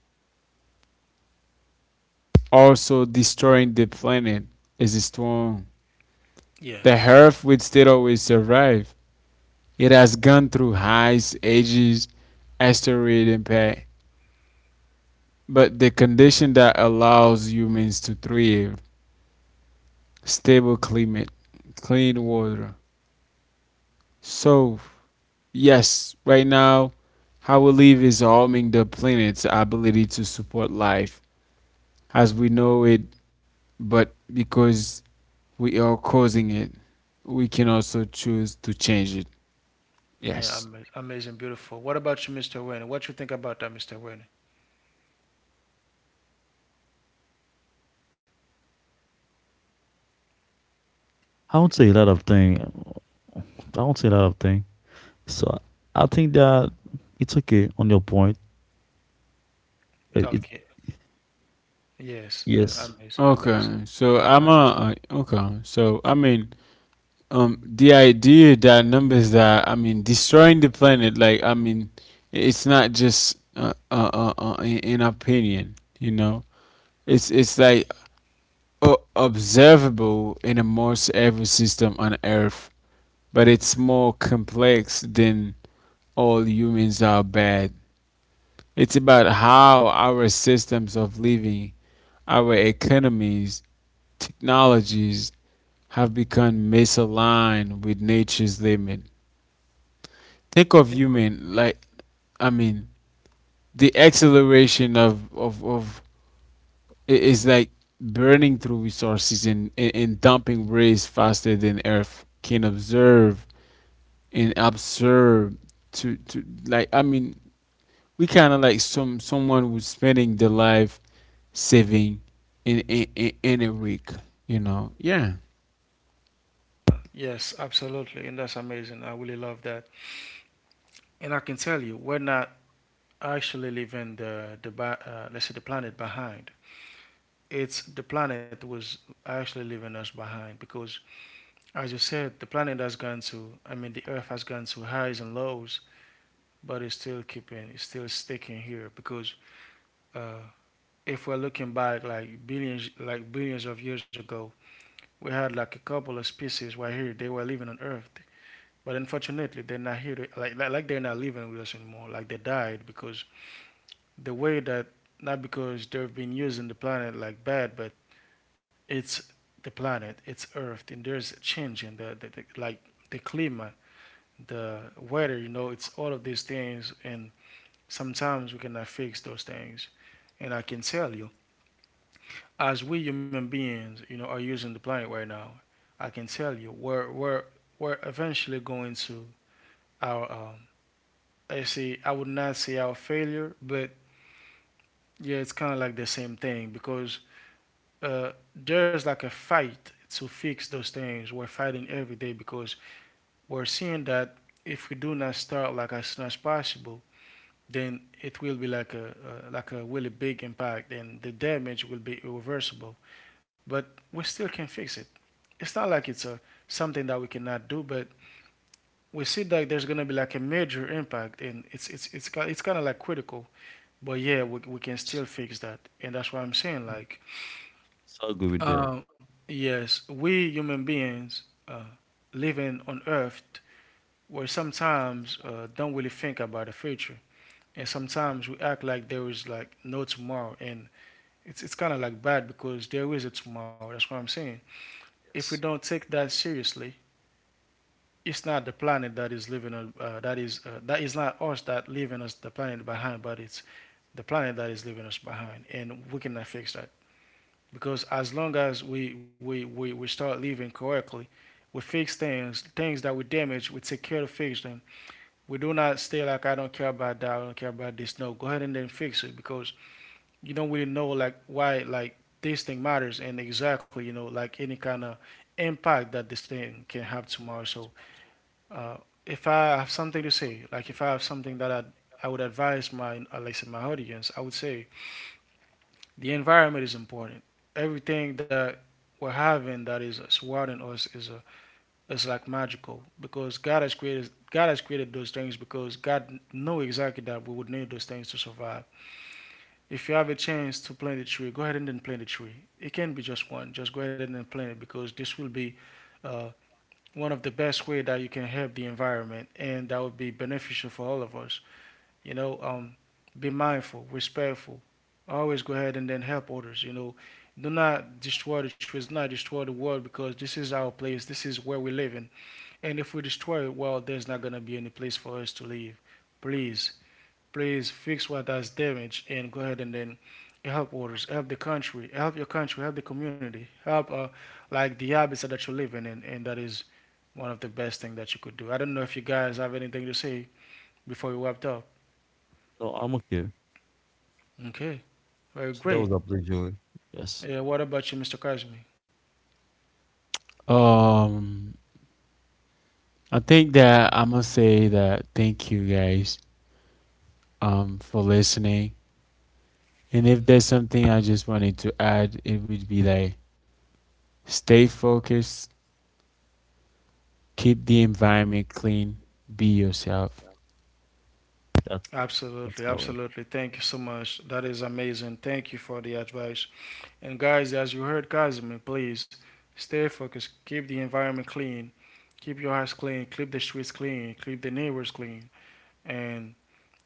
S3: Also destroying the planet is strong, the
S1: Yes.
S3: earth will still always survive. It has gone through highs ages, asteroid impact, but the condition that allows humans to thrive, stable climate, clean water. So yes, right now, how we live is harming the planet's ability to support life as we know it, but because we are causing it, we can also choose to change it.
S1: Yeah,
S3: Yes.
S1: ama- amazing, beautiful. What about you, mister Wayne? What you think about that, mister Wayne?
S2: I would say a lot of things. I would say a lot of things. So I think that it's okay on your point. It, it
S1: Okay. Yes, uh,
S2: yes,
S1: amazing,
S3: Okay,
S1: amazing.
S3: so
S1: I
S3: I'm
S1: understand.
S3: a, uh, okay, so I mean, um, the idea that numbers that I mean destroying the planet, like I mean, i- it's not just uh, uh, uh, uh, an an opinion, you know. It's it's like o- observable in almost every system on Earth, but it's more complex than all humans are bad. It's about how our systems of living, our economies, technologies have become misaligned with nature's limit. Think of human, like, I mean the acceleration of of, of. It is like burning through resources and, and, and dumping waste faster than Earth can observe and absorb. To, to Like, I mean we kind of like some someone who's spending their life saving in, in in in a week, you know. Yeah.
S1: Yes, absolutely, and that's amazing. I really love that. And I can tell you, we're not actually leaving the the ba- uh, let's say the planet behind. It's the planet was actually leaving us behind because, as you said, the planet has gone to. I mean, the Earth has gone to highs and lows, but it's still keeping, it's still sticking here because. Uh, if we're looking back like billions like billions of years ago, we had like a couple of species right here, they were living on earth, but unfortunately they're not here to, like like they're not living with us anymore, like they died because the way that, not because they've been using the planet like bad, but it's the planet, it's earth, and there's a change in the, the, the like the climate, the weather, you know, it's all of these things, and sometimes we cannot fix those things. And I can tell you, as we human beings, you know, are using the planet right now, I can tell you we're we're we're eventually going to our um I say I would not say our failure, but yeah, it's kind of like the same thing because uh there's like a fight to fix those things. We're fighting every day because we're seeing that if we do not start like as soon as possible, then it will be like a uh, like a really big impact and the damage will be irreversible. But we still can fix it. It's not like it's a something that we cannot do, but we see that there's gonna be like a major impact, and it's it's it's it's kind of like critical. But yeah, we we can still fix that, and that's what I'm saying. Like,
S2: yes, I agree with that.
S1: um, yes, we human beings uh, living on Earth, where sometimes uh, don't really think about the future, and sometimes we act like there is like no tomorrow, and it's it's kind of like bad because there is a tomorrow. That's what I'm saying. If we
S2: Yes,
S1: don't take that seriously, it's not the planet that is leaving us. Uh, that is uh, that is not us that leaving us the planet behind, but it's the planet that is leaving us behind, and we cannot fix that because as long as we we we, we start living correctly, we fix things, things that we damage, we take care to fix them. We do not stay like I don't care about that, I don't care about this. No, go ahead and then fix it because you don't really know like why like this thing matters and exactly you know like any kind of impact that this thing can have tomorrow. So uh, if I have something to say, like if I have something that I I would advise my uh, like I said, my audience, I would say the environment is important. Everything that we're having that is uh, surrounding us is a is like magical because God has created God has created those things because God knew exactly that we would need those things to survive. If you have a chance to plant a tree, go ahead and then plant a tree. It can not be just one. Just go ahead and then plant it because this will be uh, one of the best way that you can help the environment and that would be beneficial for all of us, you know. um, be mindful, respectful, always go ahead and then help others, you know, do not destroy the trees, do not destroy the world, because this is our place, this is where we live in, and if we destroy it, well, there's not going to be any place for us to live. Please please fix what has damaged, and go ahead and then help others, help the country, help your country, help the community, help uh, like the habitat that you live in, and, and that is one of the best things that you could do. I don't know if you guys have anything to say before we wrapped up.
S2: no, I'm okay.
S1: Okay, very
S2: So that was
S1: great.
S2: a pleasure. Yes,
S1: Yeah, what about you, mister Kazmi?
S3: um I think that I must say that thank you guys um for listening, and if there's something I just wanted to add, it would be like stay focused. Keep the environment clean. Be yourself.
S2: that's that's
S1: Absolutely,
S2: correct.
S1: absolutely. Thank you so much. That is amazing. Thank you for the advice. And guys, as you heard Kazmi, please stay focused, keep the environment clean, keep your house clean, keep the streets clean, keep the neighbors clean, and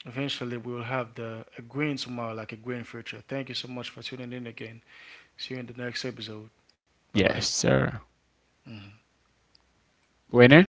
S1: eventually we will have the a green tomorrow, like a green future. Thank you so much for tuning in again. See you in the next episode. Bye bye.
S3: Yes, sir. Winner?